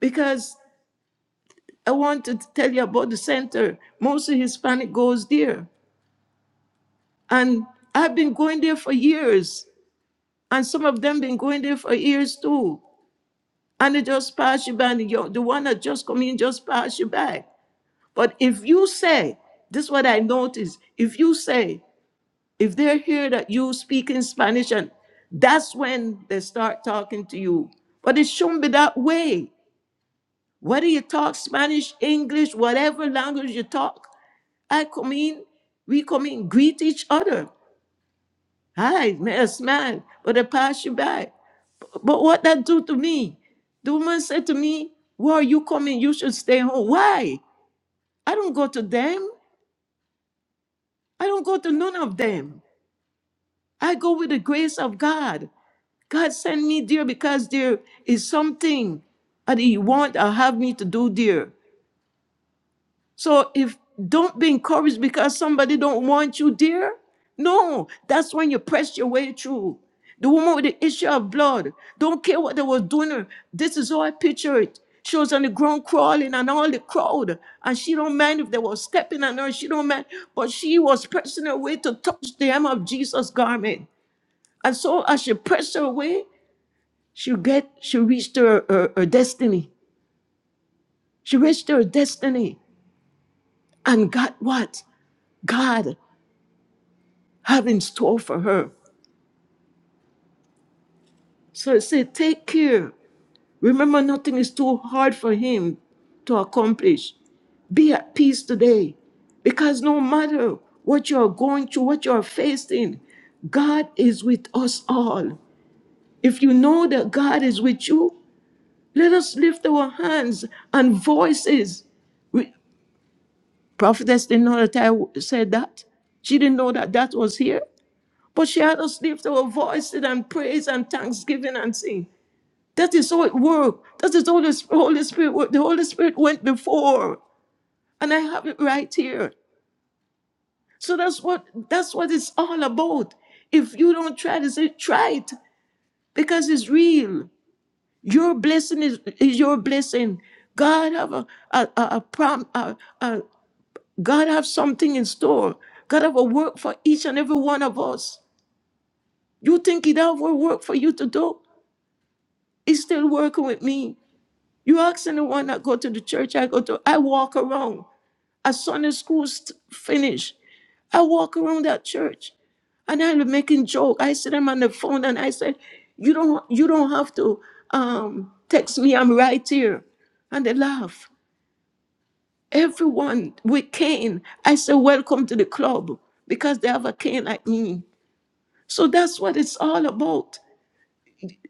because. I want to tell you about the center. Most of Hispanic goes there. And I've been going there for years. And some of them been going there for years too. And they just pass you by. And you- the one that just come in just pass you by. But if you say, this is what I notice. If you say, if they're here that you speak in Spanish, and that's when they start talking to you. But it shouldn't be that way. Whether you talk Spanish, English, whatever language you talk, I come in, we come in, greet each other. Hi, may I smile, but I pass you by. But what that do to me? The woman said to me, Why are you coming? You should stay home. Why? I don't go to them. I don't go to none of them. I go with the grace of God. God sent me there because there is something that He want or have me to do there. So if don't be encouraged because somebody don't want you there. No, that's when you press your way through. The woman with the issue of blood, don't care what they was doing. her. This is how I picture it. She was on the ground crawling and all the crowd. And she don't mind if they were stepping on her. She don't mind. But she was pressing her way to touch the hem of Jesus' garment. And so as she pressed her way, she get she reached her, her, her destiny. She reached her destiny and got what? God. have in store for her. So I say, take care. Remember, nothing is too hard for him to accomplish. Be at peace today. Because no matter what you are going through, what you are facing, God is with us all. If you know that God is with you, let us lift our hands and voices. We, prophetess didn't know that I w- said that. She didn't know that that was here. But she had us lift our voices and praise and thanksgiving and sing. That is how it worked. That is how the Sp- Holy Spirit worked. The Holy Spirit went before. And I have it right here. So that's what that's what it's all about. If you don't try to say, try it because it's real. Your blessing is, is your blessing. God have a, a, a, a prom a, a, God have something in store. God have a work for each and every one of us. You think he don't have work for you to do? He's still working with me. You ask anyone that go to the church I go to, I walk around. As Sunday school st- finished, I walk around that church and I was making joke. I said I'm on the phone and I said, You don't you don't have to um text me, I'm right here. And they laugh. Everyone with cane. I said, Welcome to the club because they have a cane like me. So that's what it's all about.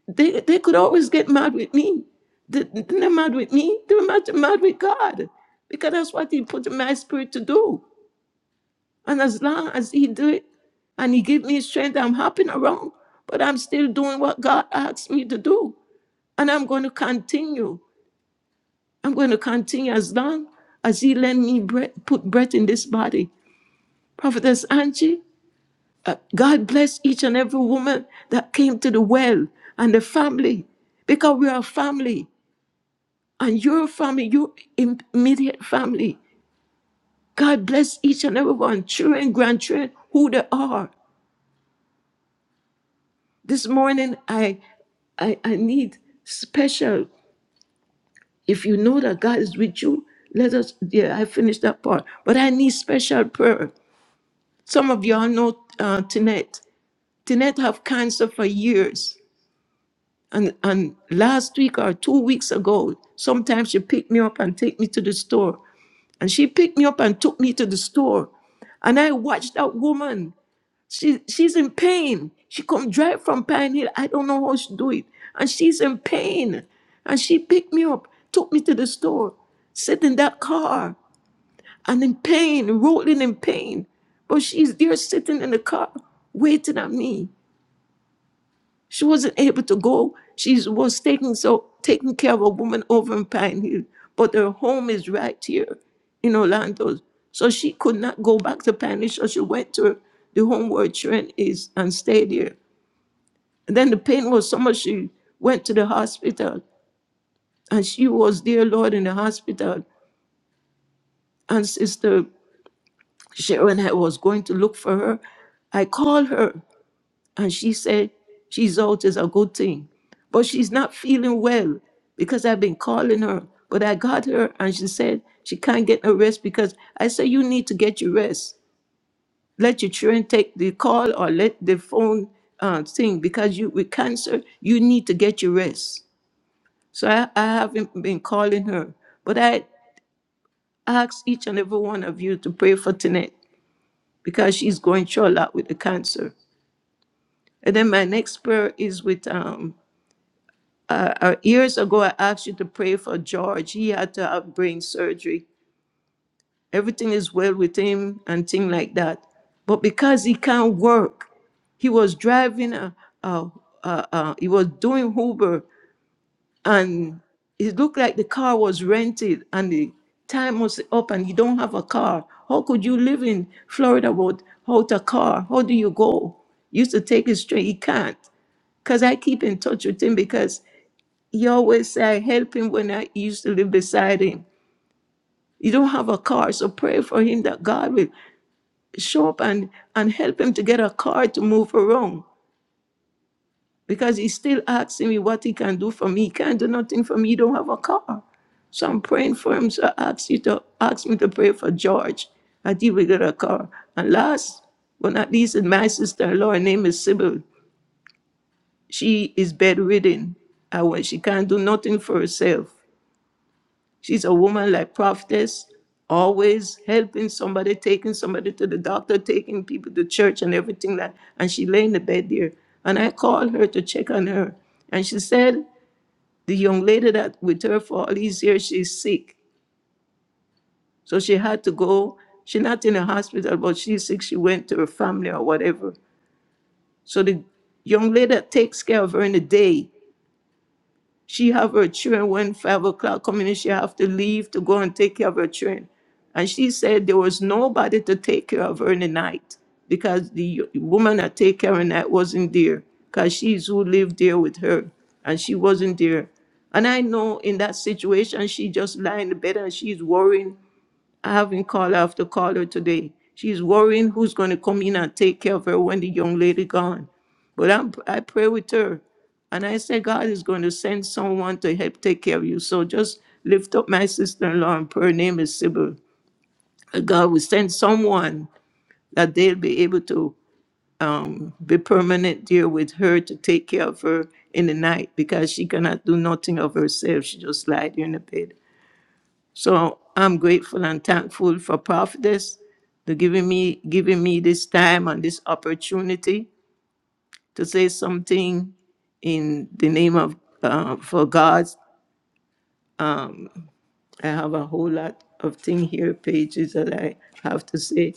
They they could always get mad with me. They- They're not mad with me, they're mad, mad with God. Because that's what he put in my spirit to do. And as long as he do it and he give me strength, I'm hopping around, but I'm still doing what God asked me to do. And I'm going to continue. I'm going to continue as long as he let me breath, put breath in this body. Prophetess Angie, uh, God bless each and every woman that came to the well and the family because we are a family and your family, your immediate family. God bless each and everyone, children, grandchildren, who they are. This morning, I, I, I need special. If you know that God is with you, let us, yeah, I finished that part. But I need special prayer. Some of y'all know uh, Tinette. Tinette have cancer for years. And, and last week or two weeks ago, sometimes she picked me up and take me to the store. And she picked me up and took me to the store. And I watched that woman. She she's in pain. She come drive from Pine Hill. I don't know how she do it, and she's in pain. And she picked me up, took me to the store, sit in that car, and in pain, rolling in pain. But she's there sitting in the car, waiting at me. She wasn't able to go. She was taking so taking care of a woman over in Pine Hill, but her home is right here in Orlando. So she could not go back to Pine Hill. So she went to the home where Trent is and stayed there. And then the pain was so much she went to the hospital and she was dear Lord in the hospital. And Sister Sharon I was going to look for her. I called her and she said, She's out is a good thing. But she's not feeling well because I've been calling her. But I got her and she said she can't get no rest because I said, You need to get your rest. Let your children take the call or let the phone uh, thing because you with cancer, you need to get your rest. So I, I haven't been calling her, but I ask each and every one of you to pray for Tinette because she's going through a lot with the cancer. And then my next prayer is with um uh, uh, years ago I asked you to pray for George. He had to have brain surgery. Everything is well with him and things like that. But because he can't work, he was driving a, a, a, a he was doing Uber and it looked like the car was rented and the time was up and you don't have a car. How could you live in Florida without without a car? How do you go? Used to take it straight. He can't. Because I keep in touch with him because he always say I help him when I used to live beside him. You don't have a car, so pray for him that God will show up and, and help him to get a car to move around. because he's still asking me what he can do for me. He can't do nothing for me. He don't have a car. So I'm praying for him. So I asked you to ask me to pray for George. I did we get a car. And last but not least is my sister-in-law. Her name is Sybil. She is bedridden. And when she can't do nothing for herself. She's a woman like prophetess, always helping somebody, taking somebody to the doctor, taking people to church and everything like that. And she lay in the bed there. And I called her to check on her. And she said, the young lady that with her for all these years, she's sick. So she had to go. She's not in the hospital, but she's sick. She went to her family or whatever. So the young lady that takes care of her in the day She have her children when five o'clock coming in, she have to leave to go and take care of her children. And she said there was nobody to take care of her in the night because the woman that take care of her in the night wasn't there because she's who lived there with her and she wasn't there. And I know in that situation, she just lying in the bed and she's worrying I haven't called. her. I have to call her today. She's worrying who's going to come in and take care of her when the young lady gone. But I'm, I pray with her, and I say God is going to send someone to help take care of you. So just lift up my sister-in-law and prayer. Her name is Sybil. And God will send someone that they'll be able to um, be permanent there with her to take care of her in the night because she cannot do nothing of herself. She just lie there in the bed. So I'm grateful and thankful for Prophetess to giving me giving me this time and this opportunity to say something in the name of uh, for God. Um, I have a whole lot of thing here, pages that I have to say,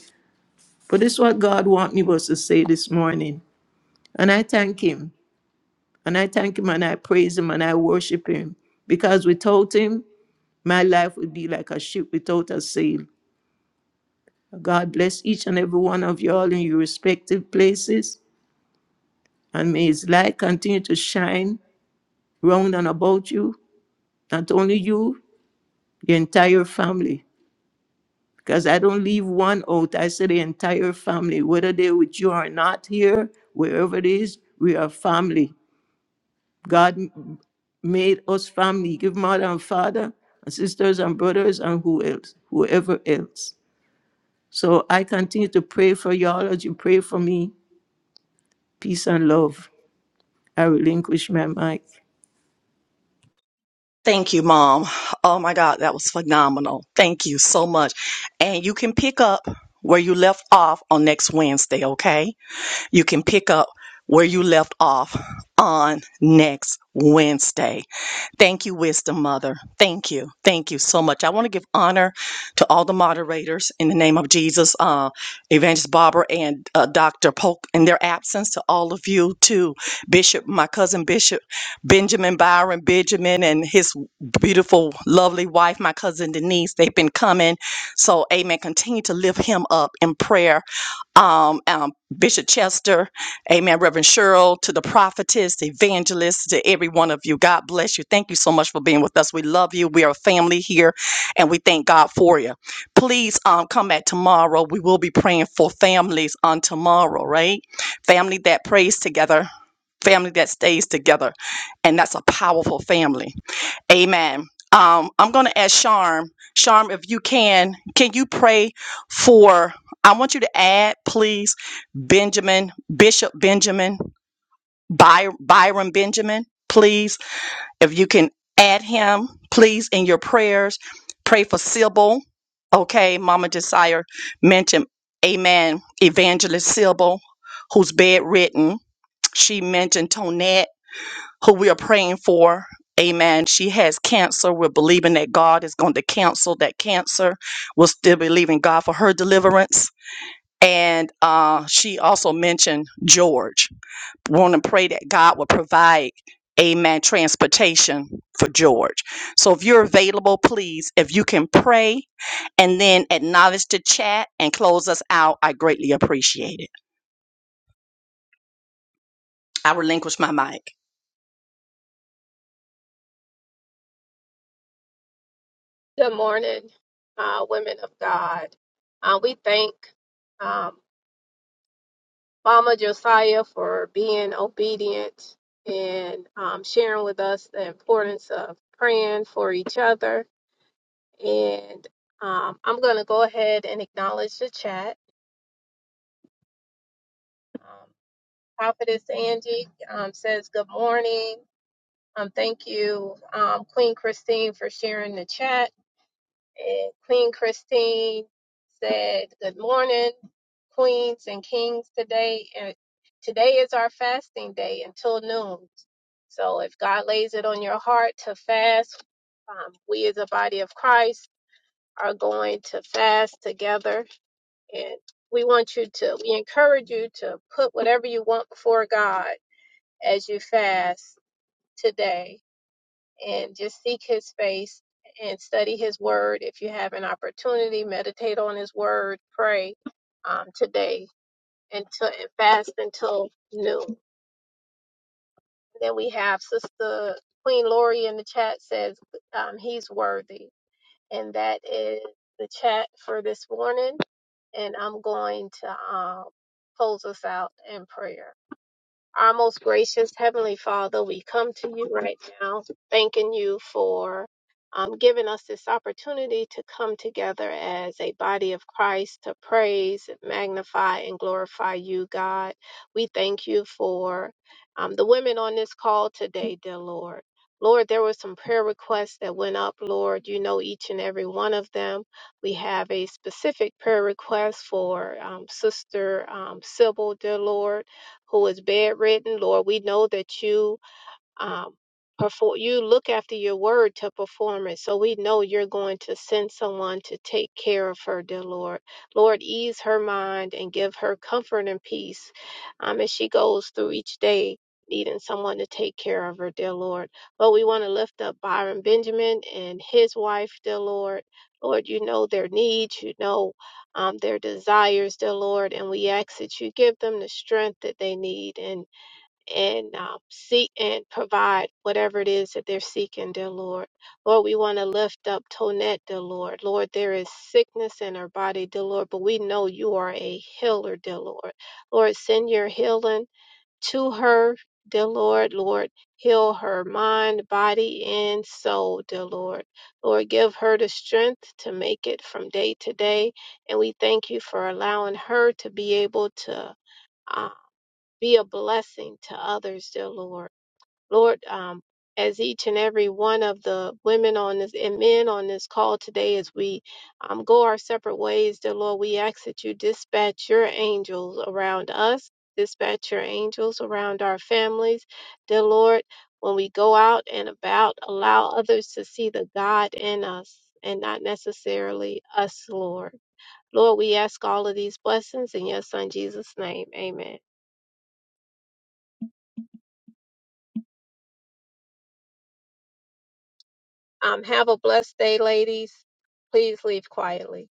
but this is what God want me was to say this morning, and I thank Him, and I thank Him, and I praise Him, and I worship Him because without Him, my life would be like a ship without a sail. God bless each and every one of you all in your respective places. And may his light continue to shine round and about you, not only you, the entire family. Because I don't leave one out, I say the entire family, whether they with you or not here, wherever it is, we are family. God m- made us family. Give mother and father and sisters and brothers and who else, whoever else. So I continue to pray for y'all as you pray for me. Peace and love. I relinquish my mic. Thank you, Mom. Oh my God, that was phenomenal. Thank you so much. And you can pick up where you left off on next Wednesday, okay? You can pick up where you left off on next Wednesday. Thank you, Wisdom Mother. Thank you. Thank you so much. I want to give honor to all the moderators in the name of Jesus, uh, Evangelist Barbara and uh, Dr. Polk in their absence, to all of you, too. Bishop, my cousin Bishop. Benjamin Byron Benjamin and his beautiful, lovely wife, my cousin Denise. They've been coming. So, amen. Continue to lift him up in prayer. Um, um, Bishop Chester, amen. Reverend Cheryl, to the prophetess, the evangelist, to every one of you. God bless you. Thank you so much for being with us. We love you. We are a family here and we thank God for you. Please um, come back tomorrow. We will be praying for families on tomorrow, right? Family that prays together, family that stays together and that's a powerful family. Amen. Um, I'm going to ask Sharm. Sharm, if you can, can you pray for? I want you to add, please, Benjamin, Bishop Benjamin, By- Byron Benjamin, please. If you can add him, please, in your prayers. Pray for Sybil. Okay, Mama Desire mentioned, Amen, Evangelist Sybil, who's bedridden. She mentioned Tonette who we are praying for. Amen. She has cancer. We're believing that God is going to cancel that cancer. We're still believing God for her deliverance. And uh, she also mentioned George. Want to pray that God will provide, amen, transportation for George. So if you're available, please, if you can pray and then acknowledge the chat and close us out, I greatly appreciate it. I relinquish my mic. Good morning, uh, women of God. Uh, we thank. um, Mama Josiah for being obedient and um, sharing with us the importance of praying for each other. And um, I'm going to go ahead and acknowledge the chat. Um, Prophetess Angie um, says, Good morning. Um, thank you, um, Queen Christine, for sharing the chat. And Queen Christine said, Good morning, queens and kings today. And today is our fasting day until noon. So if God lays it on your heart to fast, um, we as a body of Christ are going to fast together. And we want you to, we encourage you to put whatever you want before God as you fast today and just seek his face and study his word if you have an opportunity meditate on his word pray um, today until and fast until noon then we have sister queen lori in the chat says um, he's worthy and that is the chat for this morning and i'm going to um, close us out in prayer Our most gracious Heavenly Father, we come to you right now, thanking you for um, giving us this opportunity to come together as a body of Christ to praise, magnify, and glorify you, God. We thank you for um, the women on this call today, dear Lord. Lord, there were some prayer requests that went up, Lord. You know each and every one of them. We have a specific prayer request for um, Sister um, Sybil, dear Lord who is bedridden. Lord, we know that you um, perform you look after your word to perform it so we know you're going to send someone to take care of her dear lord lord ease her mind and give her comfort and peace um, as she goes through each day needing someone to take care of her dear lord but we want to lift up byron benjamin and his wife dear lord lord you know their needs you know um, their desires dear lord and we ask that you give them the strength that they need and and um, seek and provide whatever it is that they're seeking, dear Lord. Lord, we want to lift up Tonette, dear Lord. Lord, there is sickness in her body, dear Lord, but we know you are a healer, dear Lord. Lord, send your healing to her, dear Lord. Lord, heal her mind, body, and soul, dear Lord. Lord, give her the strength to make it from day to day. And we thank you for allowing her to be able to be a blessing to others, dear Lord. Lord, um, as each and every one of the women on this and men on this call today, as we um, go our separate ways, dear Lord, we ask that you dispatch your angels around us, dispatch your angels around our families, dear Lord. When we go out and about, allow others to see the God in us and not necessarily us, Lord. Lord, we ask all of these blessings in your Son Jesus' name. Amen. Um, have a blessed day, ladies. Please leave quietly.